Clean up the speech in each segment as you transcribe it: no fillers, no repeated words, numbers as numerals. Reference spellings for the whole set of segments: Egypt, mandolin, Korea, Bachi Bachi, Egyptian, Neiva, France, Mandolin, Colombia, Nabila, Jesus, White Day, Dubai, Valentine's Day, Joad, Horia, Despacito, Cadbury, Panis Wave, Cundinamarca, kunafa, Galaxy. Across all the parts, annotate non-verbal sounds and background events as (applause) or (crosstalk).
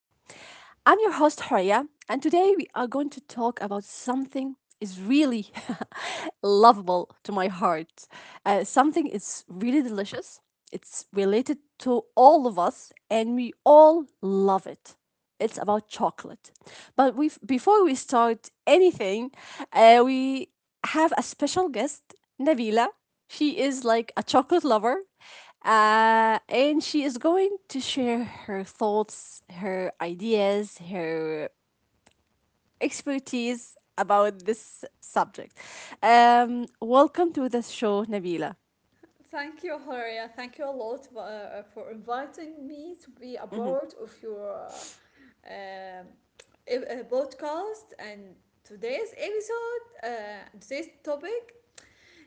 and today we are going to talk about something is really (laughs) lovable to my heart. Something is really delicious. It's related to all of us, and we all love it. It's about chocolate. But we before we start anything, we have a special guest, Nabila. She is like a chocolate lover. And she is going to share her thoughts, her ideas, her expertise about this subject. Welcome to the show, Nabila. Thank you, Horia. Thank you a lot for inviting me to be a part of your um, podcast and today's episode, today's topic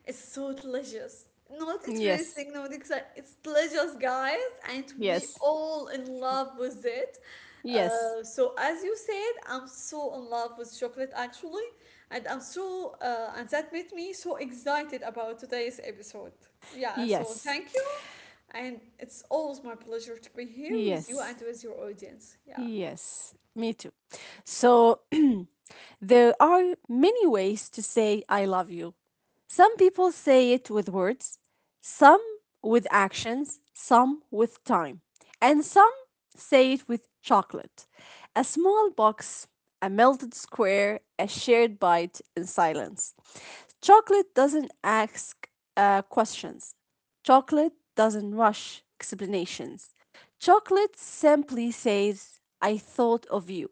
it's so delicious. Not Yes, interesting, not exciting. It's delicious, guys, and we yes, all in love with it. yes, So as you said, I'm so in love with chocolate actually, and I'm so and that made me so excited about today's episode. Yeah, so yes, thank you, and it's always my pleasure to be here with you yes, and with your audience. Yeah. yes. Me too. So there are many ways to say I love you. Some people say it with words, some with actions, some with time, and some say it with chocolate. A small box, a melted square, a shared bite in silence. Chocolate doesn't ask questions. Chocolate doesn't rush explanations. Chocolate simply says, I thought of you.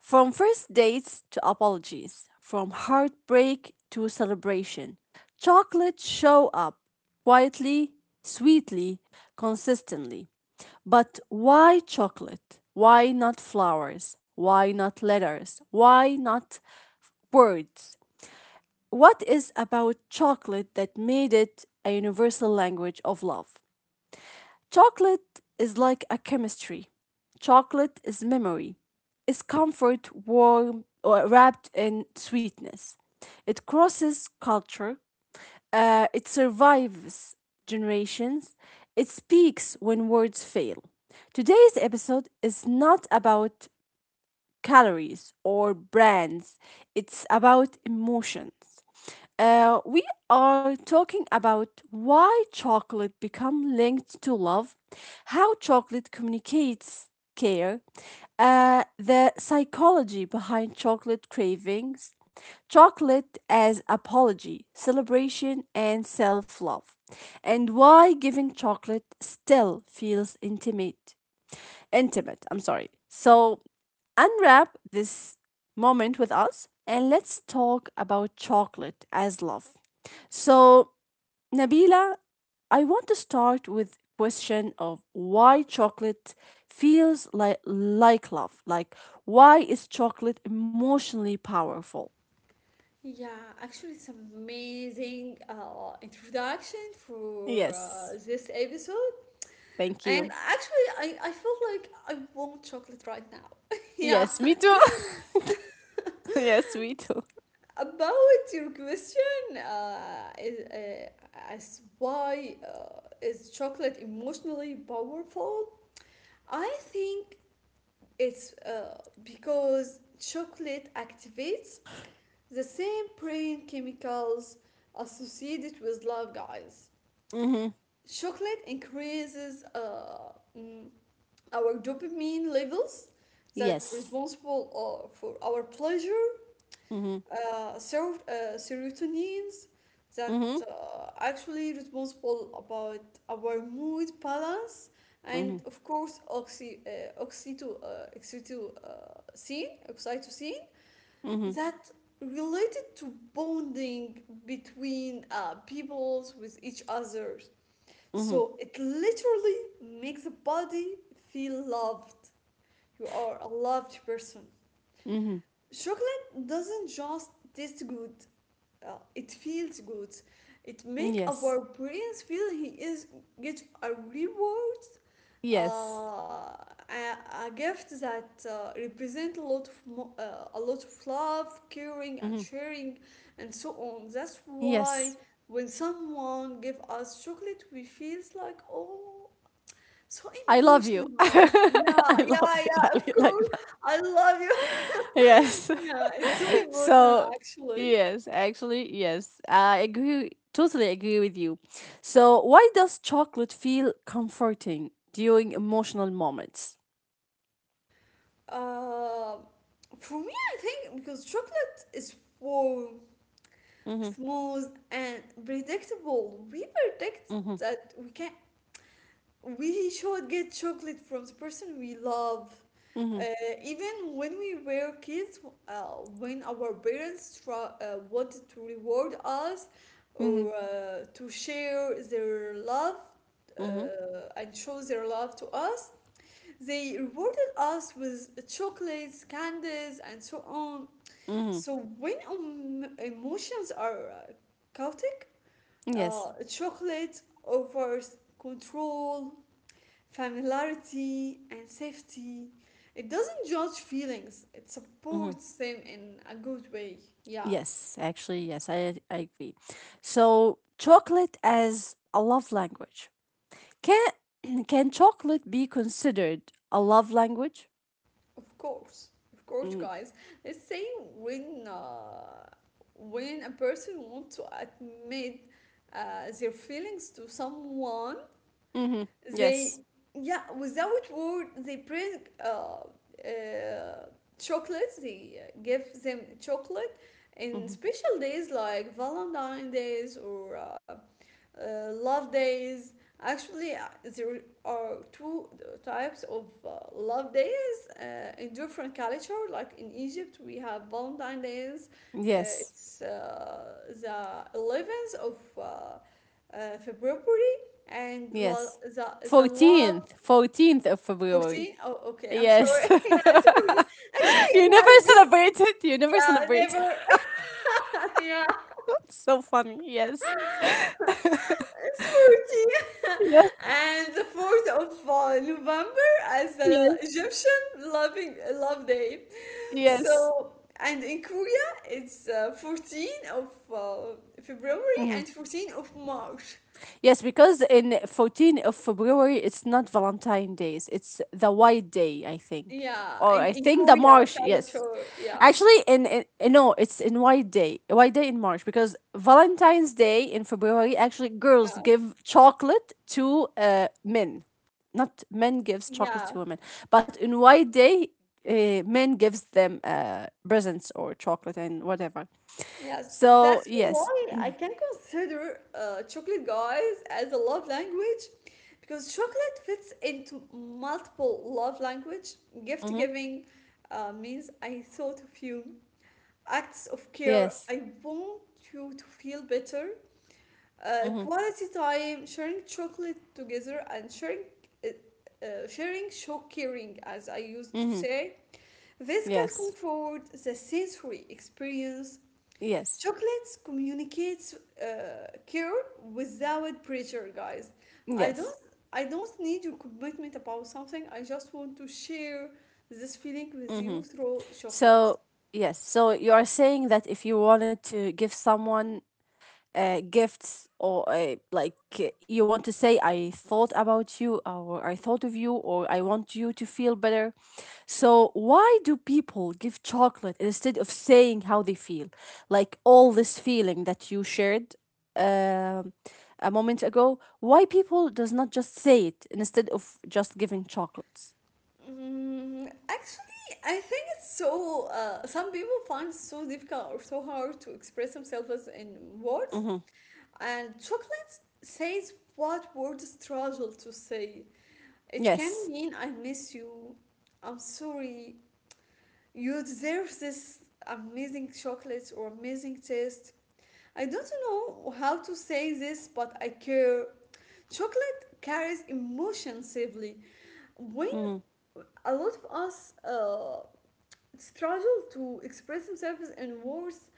From first dates to apologies, from heartbreak to celebration, chocolates show up quietly, sweetly, consistently. But why chocolate? Why not flowers? Why not letters? Why not words? What is about chocolate that made it a universal language of love? Chocolate is like a chemistry. Chocolate is memory. It's comfort warm or wrapped in sweetness. It crosses culture. It survives generations. It speaks when words fail. Today's episode is not about calories or brands. It's about emotions. We are talking about why chocolate become linked to love, how chocolate communicates care, the psychology behind chocolate cravings, chocolate as apology, celebration, and self-love, and why giving chocolate still feels intimate. Intimate, I'm sorry. So unwrap this moment with us and let's talk about chocolate as love. So, Nabila, I want to start with question of why chocolate feels like love. Like why is chocolate emotionally powerful? Yeah, actually, it's amazing introduction for Yes. this episode. Thank And you. actually, I feel like I want chocolate right now. (laughs) yeah. Yes, me too. (laughs) Yes, me too. About your question, as why is chocolate emotionally powerful? I think it's because chocolate activates the same brain chemicals associated with love, guys. Chocolate increases our dopamine levels that Yes. responsible for our pleasure, Mhm. Serotonins that Mhm. Actually responsible about our mood balance, and Mhm. of course oxytocin Mhm. that related to bonding between peoples with each other, Mhm. so it literally makes the body feel loved. You are a loved person. Mhm. Chocolate doesn't just taste good, it feels good. It make Yes. our brains feel he is get a reward, uh, Yes. a, a gift that represent a lot of a lot of love, caring and Mhm. sharing, and so on. That's why Yes. when someone give us chocolate, we feels like oh so I love you. (laughs) emotional. Yeah, I yeah, love you yeah, of like course. that. I love you. (laughs) Yes. Yeah, it's so (laughs) emotional So, actually. yes, actually, yes. I agree, totally agree with you. So, why does chocolate feel comforting during emotional moments? Uh, for me, I think because chocolate is warm, Mm-hmm, smooth, and predictable. We predict mm-hmm, that we should get chocolate from the person we love. mm-hmm, Uh, even when we were kids, uh, when our parents try, wanted to reward us mm-hmm, or to share their love mm-hmm. And show their love to us, they rewarded us with chocolates, candies, and so on. Hmm. So when emotions are chaotic, Yes. Chocolate offers control, familiarity, and safety. It doesn't judge feelings, it Mm-hmm. supports them in a good way. Yeah, Yes, actually, yes, I agree. So, chocolate as a love language. Can, (clears throat) can chocolate be considered a love language? of course. Of course, Mm. guys. Let's say when, uh, when a person wants to admit their feelings to someone, Mm-hmm. Yes. They, yeah, without word, they bring chocolate. They give them chocolate in Hmm. special days like Valentine days or love days. Actually, there are two types of love days in different culture. Like in Egypt, we have Valentine days. Uh, Yes. it's the 11th of February, and Yes. the love. 14th. 14th of February. 14th. Oh, okay. I'm sorry. (laughs) Yes. yeah, it's (laughs) 14th. Actually, it You never has been. celebrated. You never Yeah, celebrate. never. (laughs) yeah. (laughs) So funny. Yes. Spooky. Yes. (laughs) And the 4th of November as Yes. the Egyptian loving love day. Yes. So and in Korea it's 14th of February Hmm. and 14th of March. Yes, because in 14th of February, it's not Valentine days. It's the White Day, I think. Yeah, Or in, I in think the Korea March. Yes. culture. Yeah. Actually, no, it's in White Day, White Day in March because Valentine's Day in February. Actually, girls Yeah. give chocolate to men, not men gives chocolate Yeah. to women. But in White Day, men gives them presents or chocolate and whatever. Yes, So that's yes, why I can consider chocolate guys as a love language because chocolate fits into multiple love language. Gift mm-hmm. giving means I thought of you. Acts of care, Yes, I want you to feel better. Uh, mm-hmm. quality time, sharing chocolate together and sharing uh, show caring, as I used to Mm-hmm. say. This can Yes, comfort the sensory experience. yes, Chocolates communicates care without pressure, guys. I don't yes. I don't need your commitment about something. I just want to share this feeling with you through chocolates. So yes, so you are saying that if you wanted to give someone gifts or like you want to say I thought about you or I thought of you or I want you to feel better, so why do people give chocolate instead of saying how they feel, like all this feeling that you shared um a moment ago, why people does not just say it instead of just giving chocolates? Mm, actually, I think it's so. Some people find it so difficult or so hard to express themselves in words, Mm-hmm. and chocolate says what words struggle to say. It can Yes. mean I miss you, I'm sorry, you deserve this amazing chocolate or amazing taste. I don't know how to say this, but I care. Chocolate carries emotion safely. When Mm-hmm. a lot of us struggle to express themselves in words,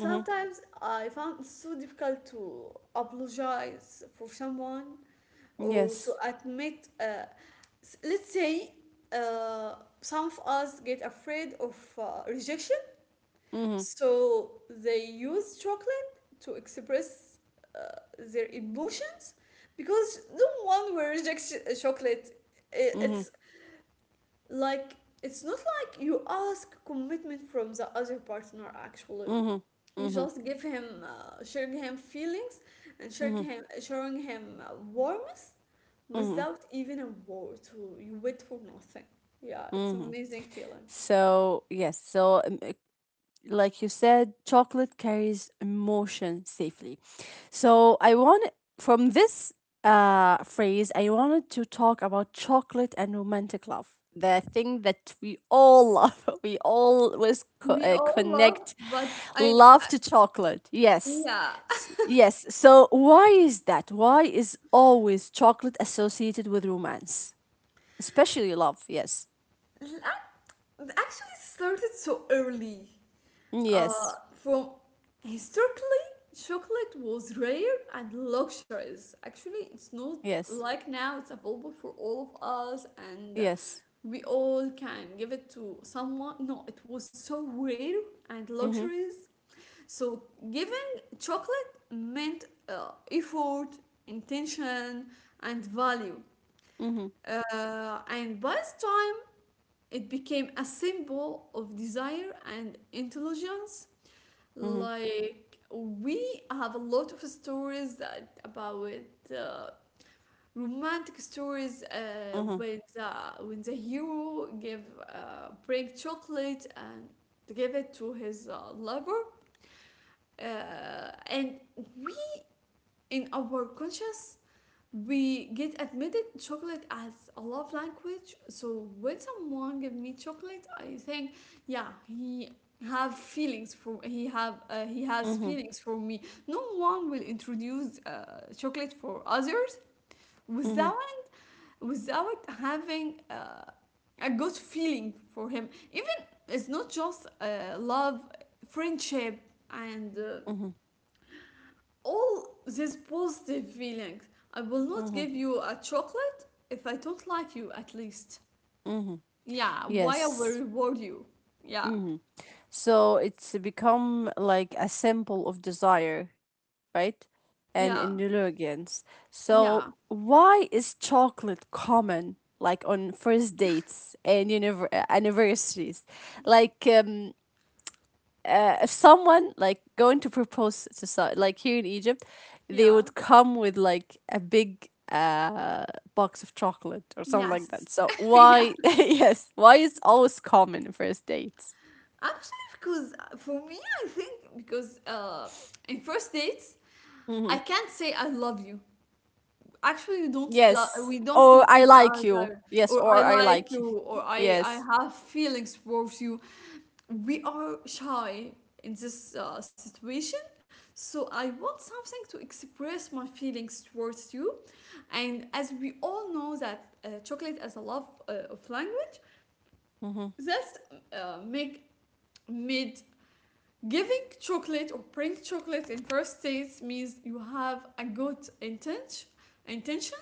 Mm-hmm. I found it so difficult to apologize for someone or to Yes. admit. Let's say uh, some of us get afraid of rejection. mm-hmm. So they use chocolate to express uh, their emotions because the one will reject chocolate. i- Mm-hmm. It's like it's not like you ask commitment from the other partner. Actually, Mm-hmm. you Mm-hmm. just give him, share him feelings, and share Mm-hmm. him, showing him warmth Mm-hmm. without even a word. So you wait for nothing. Yeah, it's Mm-hmm. amazing feeling. So, yes, so like you said, chocolate carries emotion safely. So, I want from this phrase, I wanted to talk about chocolate and romantic love. The thing that we all love, (laughs) we always We all love, connect but love I to chocolate. Yes. Yeah. Yes. So, why is that? Why is always chocolate associated with romance, especially love? Yes. (laughs) I They actually started so early. Uh, Yes. from historically, chocolate was rare and luxurious. Actually, it's not Yes. like now, it's available for all of us, and Yes. we all can give it to someone. No, it was so rare and Mhm. luxurious. So, giving chocolate meant effort, intention, and value. Mhm. And by this time, it became a symbol of desire and intelligence. Mhm. Like we have a lot of stories that about uh, romantic stories Mhm. when the hero give break chocolate and to give it to his lover, uh, and we in our conscious we get admitted chocolate as a love language. So when someone give me chocolate, I think yeah, he has Mhm. feelings for me. No one will introduce chocolate for others Mhm. without without having a good feeling for him, even it's not just love, friendship, and Mhm. all these positive feelings. I will not Mhm. give you a chocolate if I don't like you, at least. Mhm. Yeah, why I will Yes. reward you. Yeah, Mhm. So it's become like a symbol of desire, right? And yeah, indulgence. yeah, So why is chocolate common like on first dates and anniversaries? Like if someone like going to propose to like here in Egypt, they yeah. would come with like a big box of chocolate or something like Yes. that. So (laughs) yeah. why, (laughs) yes, why is always common in first dates? Actually, because for me, I think because in first dates, Hmm. I can't say I love you. Actually, Yes, we don't or know I each like you. other, Yes, or I or I like like you. you, or I Yes. have feelings towards you. We are shy in this situation. So I want something to express my feelings towards you. And as we all know that chocolate as a love of language, Mm-hmm. that's make made giving chocolate or bring chocolate in first dates means you have a good intention, intention,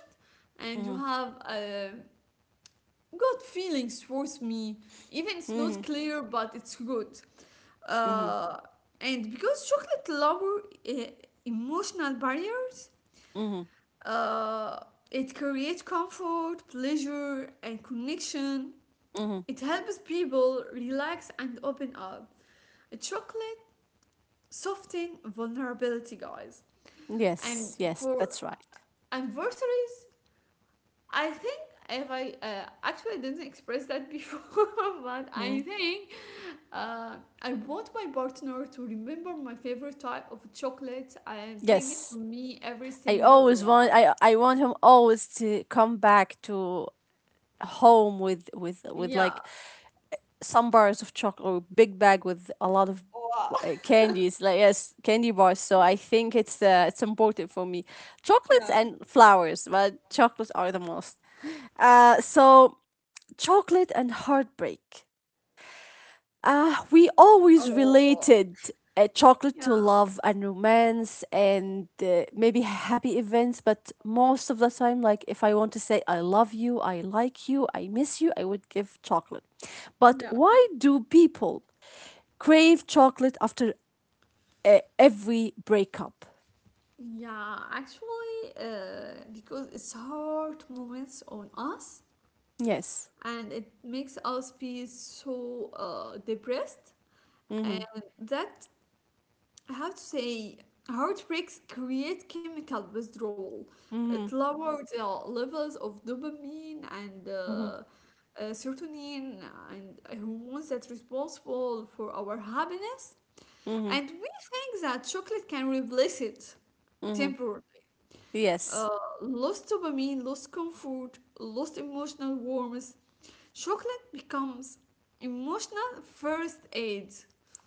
and Mm-hmm. you have a good feelings towards me. Even it's Mm-hmm. not clear, but it's good. Mm-hmm. uh, and because chocolate lower uh, emotional barriers, Mm-hmm. uh, it creates comfort, pleasure, and connection. Mm-hmm. It helps people relax and open up. Chocolate soften vulnerability, guys. And Yes. Yes. for That's right. anniversaries, I think if I actually didn't express that before, (laughs) but I Mm. think Uh, I want my partner to remember my favorite type of chocolate and bring it to Yes. me every I always single. want. I want him always to come back to home with Yeah. like some bars of chocolate or big bag with a lot of Wow. (laughs) Candies like yes candy bars, so I think it's important for me, chocolates Yeah. and flowers, but chocolates are the most so chocolate and heartbreak, we always Oh. related chocolate Yeah. to love and romance and maybe happy events, but most of the time, like if I want to say, I love you, I like you, I miss you, I would give chocolate. But Yeah. why do people crave chocolate after every breakup? Yeah. Actually, because it's hard moments on us, Yes. and it makes us feel so depressed, Mm-hmm. and that, how to say, heartbreaks create chemical withdrawal. Mm-hmm. It lowers the levels of dopamine and Mm-hmm. Serotonin and hormones that responsible for our happiness, Mm-hmm. and we think that chocolate can replace it Hmm. temporarily. Yes. uh, Lost dopamine, lost comfort, lost emotional warmth. Chocolate becomes emotional first aid.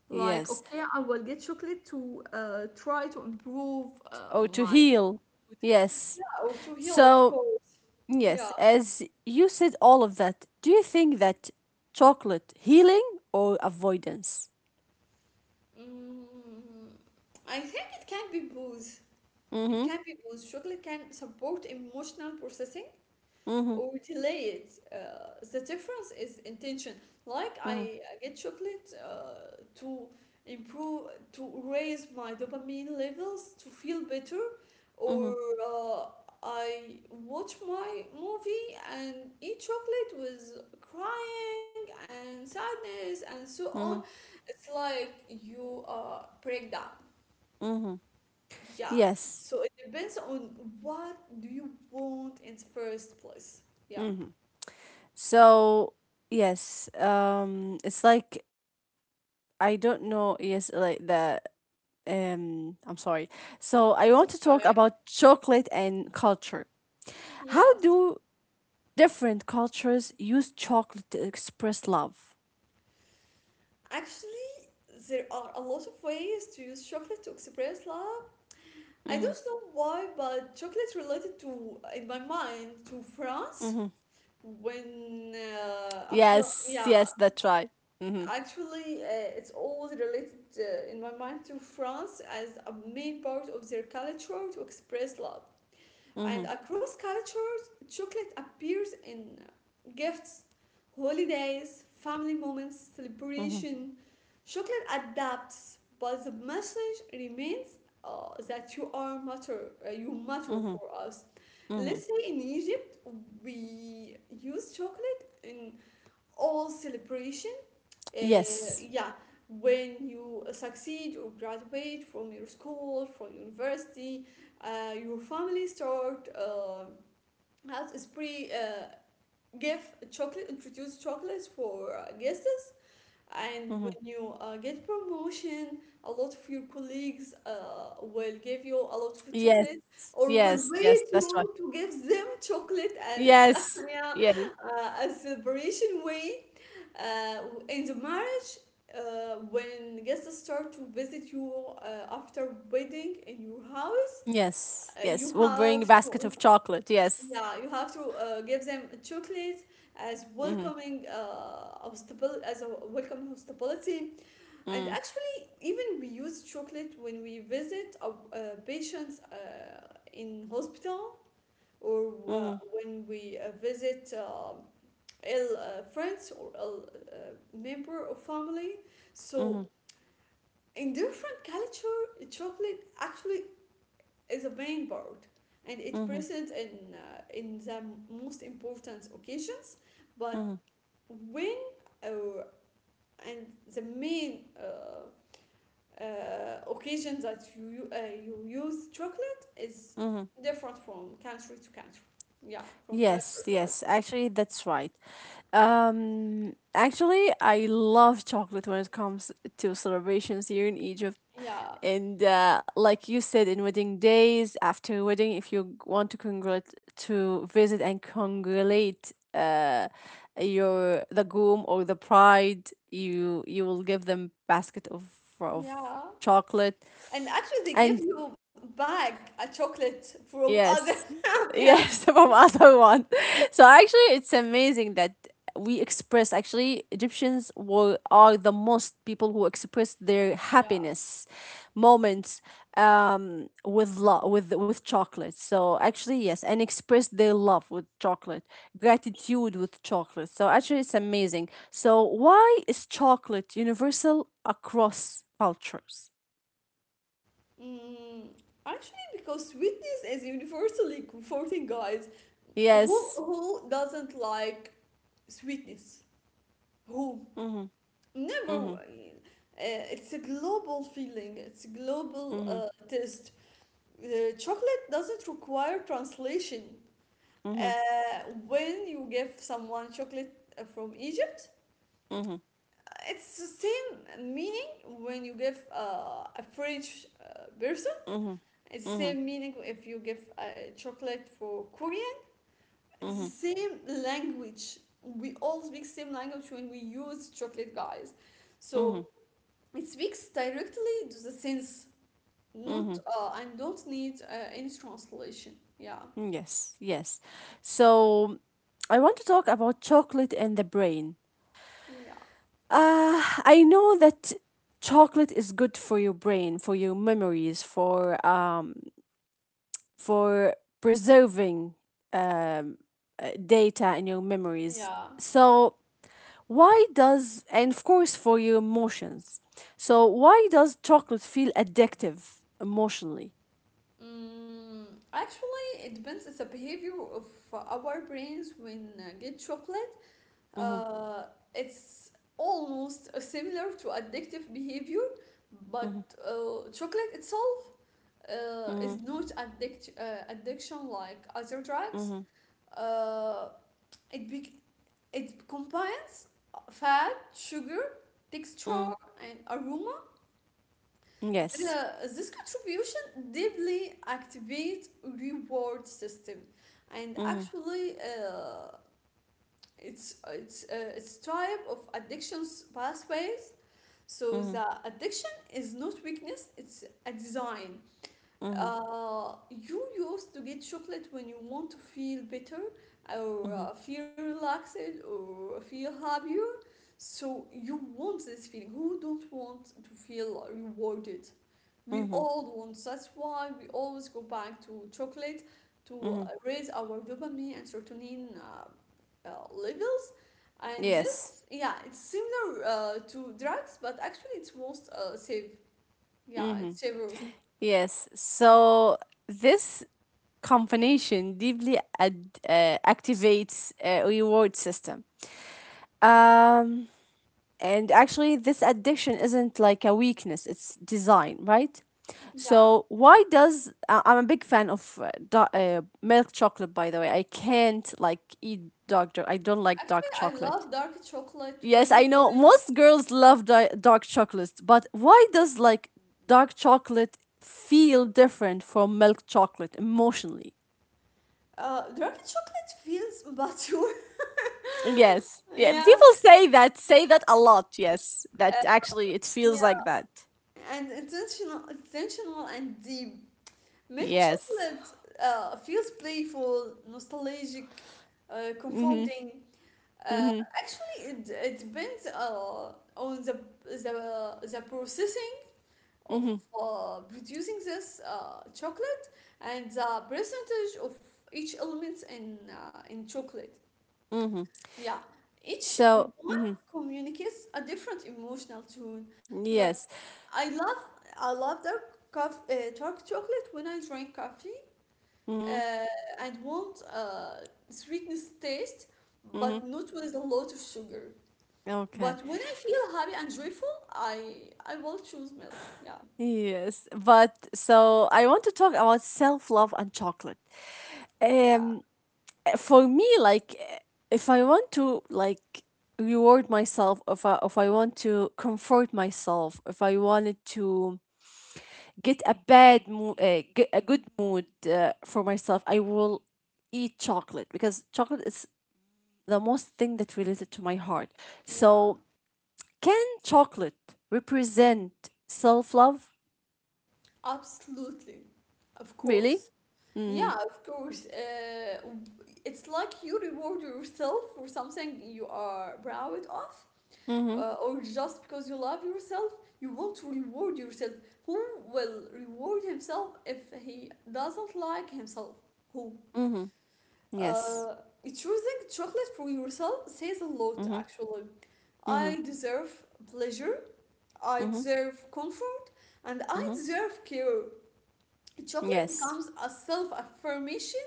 Like, Yes. okay, I will get chocolate to try to improve Oh, to my heal. mood. Yes. Yeah, or to heal, of So course. yes, Yeah. as you said all of that, do you think that chocolate healing or avoidance? Mm, I think it can be both. It Mm-hmm. can be both. Chocolate can support emotional processing Mm-hmm. or delay it. The difference is intention. Like Mm-hmm. I get chocolate to improve, to raise my dopamine levels, to feel better, Mm-hmm. or uh, I watch my movie and eat chocolate with crying and sadness and so on. Mm-hmm. It's like you break down. Mm-hmm. Yeah. So it Yes. depends on what do you want in the first place. Yeah. Mm-hmm. So yes, it's like I don't know, yes, like the I'm sorry. So It's I want to okay. talk about chocolate and culture. How Yes. do different cultures use chocolate to express love? Actually, there are a lot of ways to use chocolate to express love. I Mm-hmm. don't know why, but chocolate related to, in my mind, to France. Yes, Yeah, yes, that's right. Mm-hmm. actually, it's always related in my mind to France as a main part of their culture to express love. Mm-hmm. And across cultures, chocolate appears in gifts, holidays, family moments, Mm-hmm. celebration. Chocolate adapts, but the message remains that you are matter, you matter Mm-hmm. for us. Mm-hmm. Let's say in Egypt, we use chocolate in all celebrations, Yes. yeah, when you succeed or graduate from your school, from university, your family start has a spree, give chocolate, introduce chocolates for guests. And Mm-hmm. when you get promotion, a lot of your colleagues will give you a lot of Yes, chocolate or will yes, yes, wait that's right. you to give them chocolate as (laughs) Yes, yeah, yes, a celebration way uh, in the marriage when guests start to visit you after wedding in your house yes, yes. you We'll have bring a basket to of chocolate. Yes. yeah you have to give them chocolate as Mm-hmm. welcoming as a welcome hospitality. And Mm-hmm. actually even we use chocolate when we visit our patients in hospital or Mm-hmm. when we visit ill friends or ill member of family so Mm-hmm. in different culture, chocolate actually is a main part, and it Mm-hmm. present in the most important occasions. But when uh, and the main occasion that you use chocolate is Mm-hmm. different from country to country. Yeah, from culture Yes, to other. yes, actually, that's right. Actually, I love chocolate when it comes to celebrations here in Egypt. Yeah, And like you said, in wedding days, after wedding, if you want to congrat to visit and congratulate, your the groom or the bride, you will give them basket of yeah. chocolate. And actually, they And give you bag a chocolate from other. yes. (laughs) Yes, (laughs) from other one. (laughs) So actually it's amazing that we express, actually Egyptians were are the most people who express their Yeah. happiness moments with love with chocolate. So actually yes, and express their love with chocolate, gratitude with chocolate. So actually it's amazing. So why is chocolate universal across cultures? Mm, actually, because sweetness is universally comforting, guys. Who Yes. who doesn't like sweetness? Who Mhm. never? Mhm. It's a global feeling. It's a global Mhm. Taste. Chocolate doesn't require translation. Mhm. When you give someone chocolate from Egypt, Mhm. it's the same meaning when you give a French person. Mhm. It's the Mhm. same meaning if you give chocolate for Korea. It's the Mhm. same language. We all speak same language when we use chocolate, guys. So Mhm. it speaks directly to the sense, not Mhm. And don't need any translation. Yeah, Yes. Yes. So I want to talk about chocolate and the brain. yeah, I know that chocolate is good for your brain, for your memories, for preserving um, data in your memories. yeah. So why does, and of course for your emotions. So why does chocolate feel addictive emotionally? Mm, actually, it depends. It's a behavior of our brains when get chocolate. Mm-hmm, Uh, it's almost similar to addictive behavior, but chocolate itself is mm-hmm, not addiction like other drugs. mm-hmm. Uh, it be- it combines fat, sugar, texture, and aroma. Yes. This contribution deeply activates reward system, and Mhm. actually, it's type of addictions pathways. So Mhm. the addiction is not weakness, it's a design. Mhm. You used to get chocolate when you want to feel better or Mhm. Feel relaxed or feel happier. So you want this feeling. Who don't want to feel rewarded? We Mhm. all want. That's why we always go back to chocolate to Mhm. raise our dopamine and serotonin levels. And Yes. this, yeah, it's similar to drugs, but actually it's most safe. Yeah, Mhm. it's safer. Yes. So this combination deeply activates a reward system. Um and actually this addiction isn't like a weakness, it's design, right? Yeah, So why does, I'm a big fan of milk chocolate by the way. I can't like eat I don't like actually dark I chocolate. love dark chocolate Yes, I when know. when Most girls love dark chocolates, but why does like dark chocolate feel different from milk chocolate emotionally? uh, dark chocolate feels mature. Yes. (laughs) Yeah. Yeah, People say that a lot. Yes. uh, That actually it feels like yeah, that. and intentional, intentional and deep. Milk Yes. chocolate feels playful, nostalgic, Mhm. comforting. Uh, Mhm. Actually, it depends on the processing of Mhm. Producing this chocolate and the percentage of each element in chocolate. Mhm. Yeah, each So, one mhm. communicates a different emotional tone. Like, Yes. I love I love dark chocolate when I drink coffee Mhm. and want sweetness taste, Mhm. but not with a lot of sugar. Okay. But when I feel happy and joyful, I will choose milk. Yeah, Yes. But so I want to talk about self-love and chocolate. yeah, Um for me, like if I want to like reward myself, if I want to comfort myself, if I wanted to get a bad mood, get a good mood for myself, I will eat chocolate because chocolate is the most thing that related to my heart, yeah, so can chocolate represent self-love, absolutely, of really? course. Mm-hmm. Yeah, of course. It's like you reward yourself for something you are proud of, Mm-hmm. Or just because you love yourself, you want to reward yourself. Who will reward himself if he doesn't like himself? Who? Mm-hmm. Yes. Uh, Choosing chocolate for yourself says a lot, Mm-hmm. actually. Mm-hmm. I deserve pleasure, I Mm-hmm. deserve comfort, and I Mm-hmm. deserve care. Chocolate Yes. becomes a self affirmation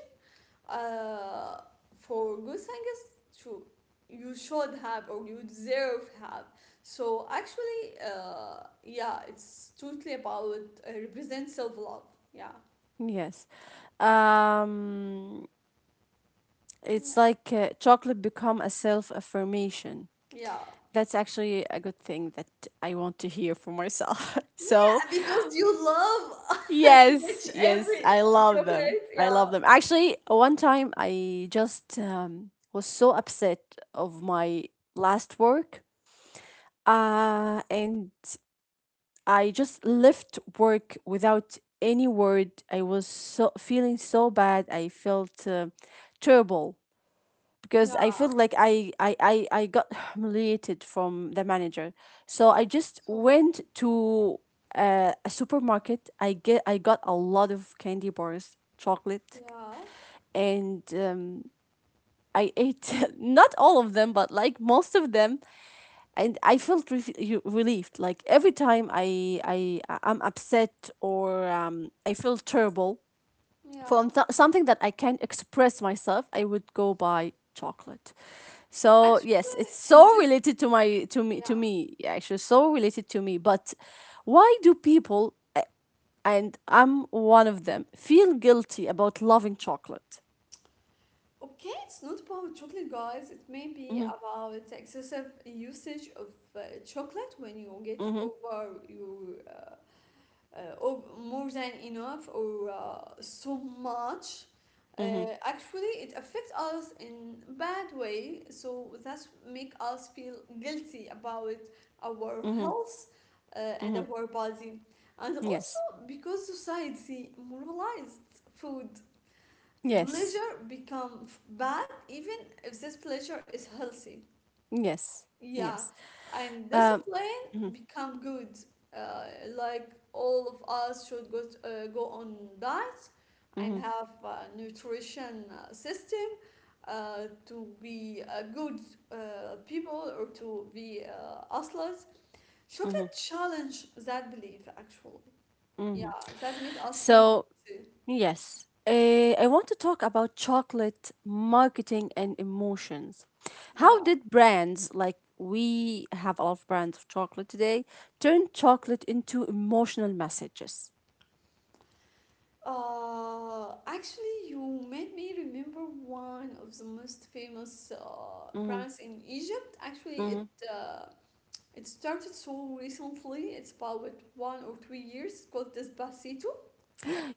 uh, for good singers to you should have or you deserve have so actually yeah it's totally about represent self-love. Yeah. Yes. Um, Yeah. it's like chocolate become a self affirmation. Yeah, That's actually a good thing that I want to hear for myself. (laughs) So, because you love (laughs) to get yes, yes, every I love them. chocolate I yeah love them. Actually, one time I just was so upset of my last work. And I just left work without any word. I was so feeling so bad. I felt terrible because I yeah feel like I got (sighs) humiliated from the manager. So I just so bad went to a supermarket. I got a lot of candy bars, chocolate, yeah and I ate (laughs) not all of them, but like most of them, and I felt relieved. Like every time I'm upset or I feel terrible yeah from something that I can express myself, I would go buy chocolate. So actually yes, it's in so this related to my to yeah. me yeah, actually so related to me. But why do people, and I'm one of them, feel guilty about loving chocolate? Okay, it's not about chocolate, guys. It may be Mm-hmm, about excessive usage of chocolate when you get mm-hmm, over your more than enough or so much. Uh, mm-hmm, Actually, it affects us in bad way, so that's make us feel guilty about our mm-hmm, health uh, and mm-hmm. our body, and also Yes, because society moralized food yes, pleasure become bad even if this pleasure is healthy yes, yeah yes. and Um. discipline Mhm, become good uh, like all of us should go, go on diet and mhm, have a nutrition system to be a good people or to be athletes. Chocolate mhm. challenge that belief actually yeah that made us feel So guilty yes. I want to talk about chocolate marketing and emotions. How yeah. did brands, like we have a lot of brands of chocolate today, turn chocolate into emotional messages? Actually, you made me remember one of the most famous Hmm. brands in Egypt. Actually, Hmm. It started so recently. It's about 1 or 2 years. It's called Despacito.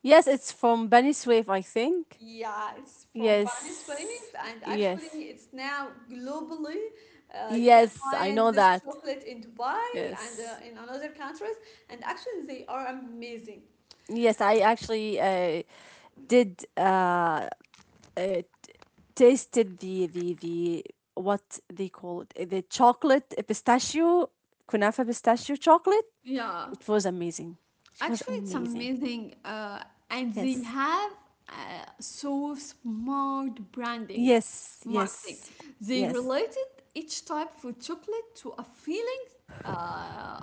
Yes, it's from Benny Swift, I think. Yeah, it's from Panis Yes, Wave, and actually, yes, it's now globally. You can yes, I find know this that. chocolate in Dubai and Yes. In another countries, and actually, they are amazing. Yes, I actually did, uh, tasted the what they call it, the chocolate pistachio kunafa pistachio chocolate. Yeah. It was amazing. It was Actually, it's amazing. amazing, and they Yes. have uh, so smart branding, Yes. marketing. Yes. They Yes. related each type of chocolate to a feeling uh,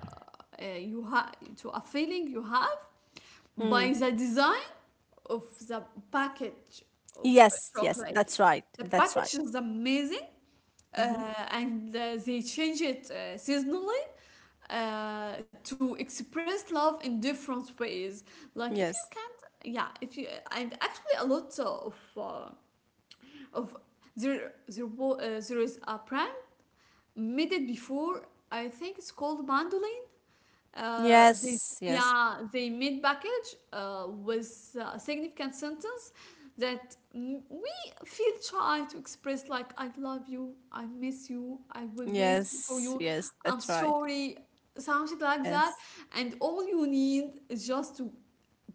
uh, you have, to a feeling you have Mm. by the design of the package of Yes. Yes. chocolate. That's right. The That's right. package is amazing, Hmm. and they change it seasonally to express love in different ways. Like if you Yes. can't, yeah, if you and actually a lot of of there is a prank made it before. I think it's called mandolin. They Yes. Yes. yeah they made package with a significant sentence that we feel shy to express like I love you, I miss you, I will wait for Yes. you, Yes. I'm That's right. sorry, something like that. Yes. And all you need is just to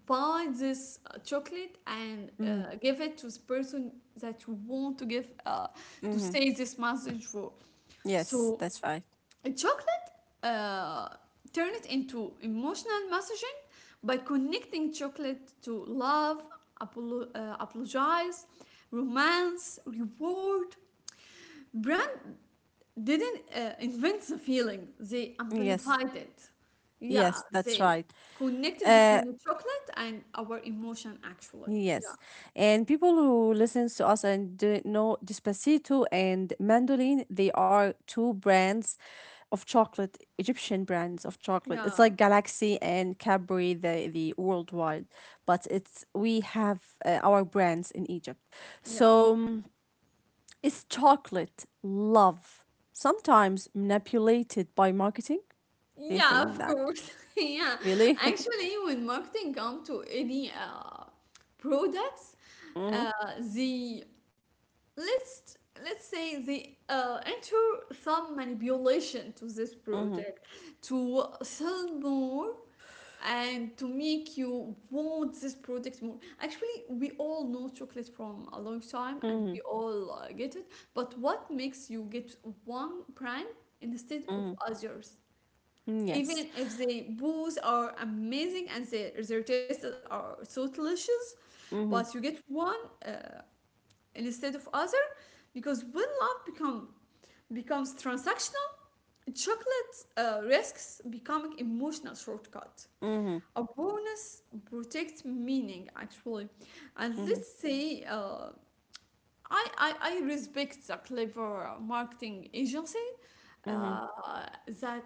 buy this chocolate and Mm-hmm. Give it to the person that you want to give to Mm-hmm. say this message for. Yes. So That's right. chocolate uh, turn it into emotional messaging by connecting chocolate to love, apologize, romance, reward. Brand didn't invent the feeling, they Yes. amplified it. Yeah, Yes. That's they right. connected Uh, between the chocolate and our emotion actually. Yeah, Yes, and people who listens to us and did know Despacito and Mandolin, they are two brands of chocolate, Egyptian brands of chocolate. It's yeah, like Galaxy and Cadbury, the worldwide, but it's we have our brands in Egypt. yeah. So it's chocolate love, sometimes manipulated by marketing. Do you Yeah, think of that course. (laughs) Yeah. really? (laughs) Actually, when marketing come to any products, Mm-hmm, uh, the let's let's say they enter some manipulation to this mm-hmm, product to sell more and to make you want this product more. Actually, we all know chocolate from a long time and mm-hmm, we all get it. But what makes you get one brand instead of mm-hmm. others? Mm. Even Yes. if the both are amazing and their tastes are so delicious Mm-hmm, but you get one uh, instead of other because when love become becomes transactional chocolate risks becoming emotional shortcut, mm-hmm, a bonus protects meaning actually. And mm-hmm. let's say I respect the clever marketing agency Mm-hmm. uh, that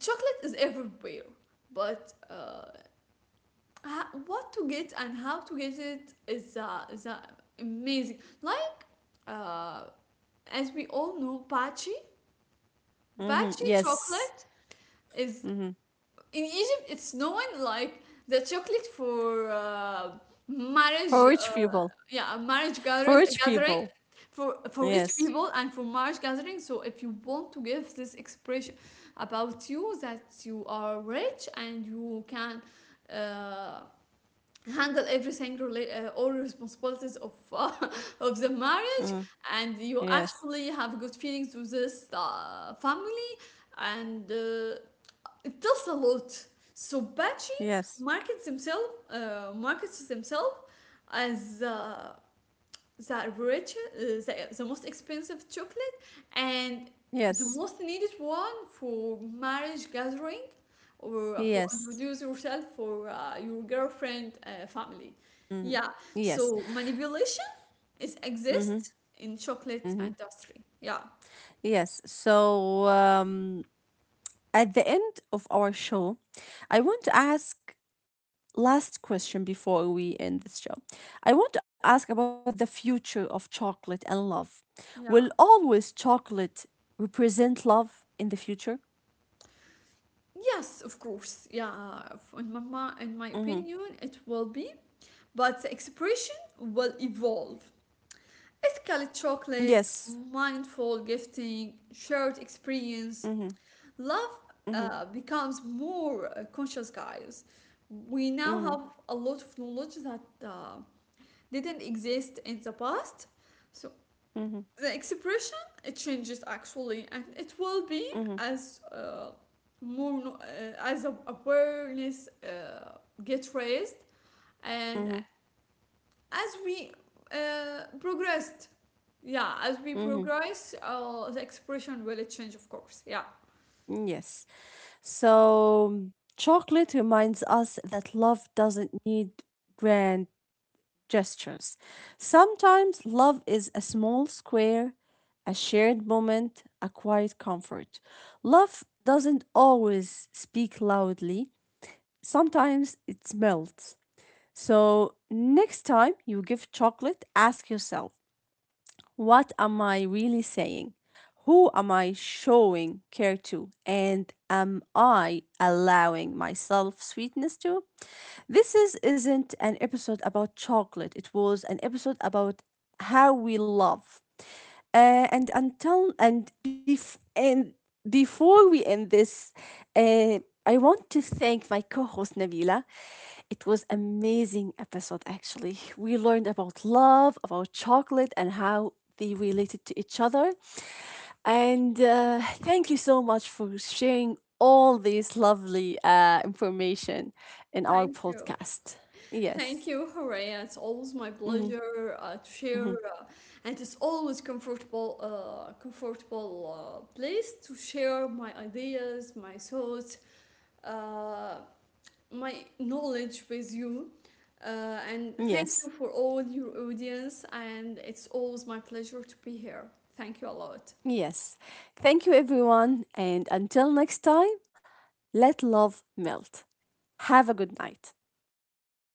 chocolate is everywhere but what to get and how to get it is amazing. Like uh, as we all know, Mm-hmm. Bachi Yes. chocolate is Mm-hmm. in Egypt. It's known like the chocolate for For marriage. rich people. Yeah, For rich gathering people. For rich Yes. people and for marriage gathering. So if you want to give this expression about you that you are rich and you can. Uh, Handle everything all responsibilities of (laughs) of the marriage Mm-hmm. and you Yes. actually have good feelings with this family and it tells a lot. So Bachi Yes. Markets himself as the most expensive chocolate, and the Yes. most needed one for marriage gathering or for Yes. introduce yourself for your girlfriend family. Mm-hmm. Yeah, Yes. so manipulation is Mm-hmm. exists in chocolate Mm-hmm. industry. Yeah, Yes. So at the end of our show, I want to ask last question before we end this show. I want to ask about the future of chocolate and love. Will yeah. always chocolate represent love in the future? Yes, of course. Yeah, in in my Mm-hmm. opinion, it will be, but the expression will evolve. Ethically chocolate, Yes. mindful gifting, shared experience. Mhm, Love mhm, becomes more conscious, guys. We now mhm, have a lot of knowledge that didn't exist in the past. So mhm, the expression it changes actually, and it will be mhm, as more no- as a- awareness gets raised and mhm, as we uh, progressed mhm. progress the expression will change of course yeah. Yes. So chocolate reminds us that love doesn't need grand gestures. Sometimes love is a small square, a shared moment, a quiet comfort. Love doesn't always speak loudly. Sometimes it melts. So next time you give chocolate, ask yourself, what am I really saying? Who am I showing care to? And am I allowing myself sweetness to? This is, isn't an episode about chocolate. It was an episode about how we love. And until and and before we end this, uh, I want to thank my co-host Nabila. It was amazing episode actually. We learned about love, about chocolate, and how they related to each other. And thank you so much for sharing all this lovely information in our Thank you, podcast. thank Yes, you Horea. It's always my pleasure to share and it's always comfortable place to share my ideas my thoughts uh, my knowledge with you and thank you yes, for all your audience and it's always my pleasure to be here. Thank you a lot. yes. Thank you, everyone. And until next time, let love melt. Have a good night.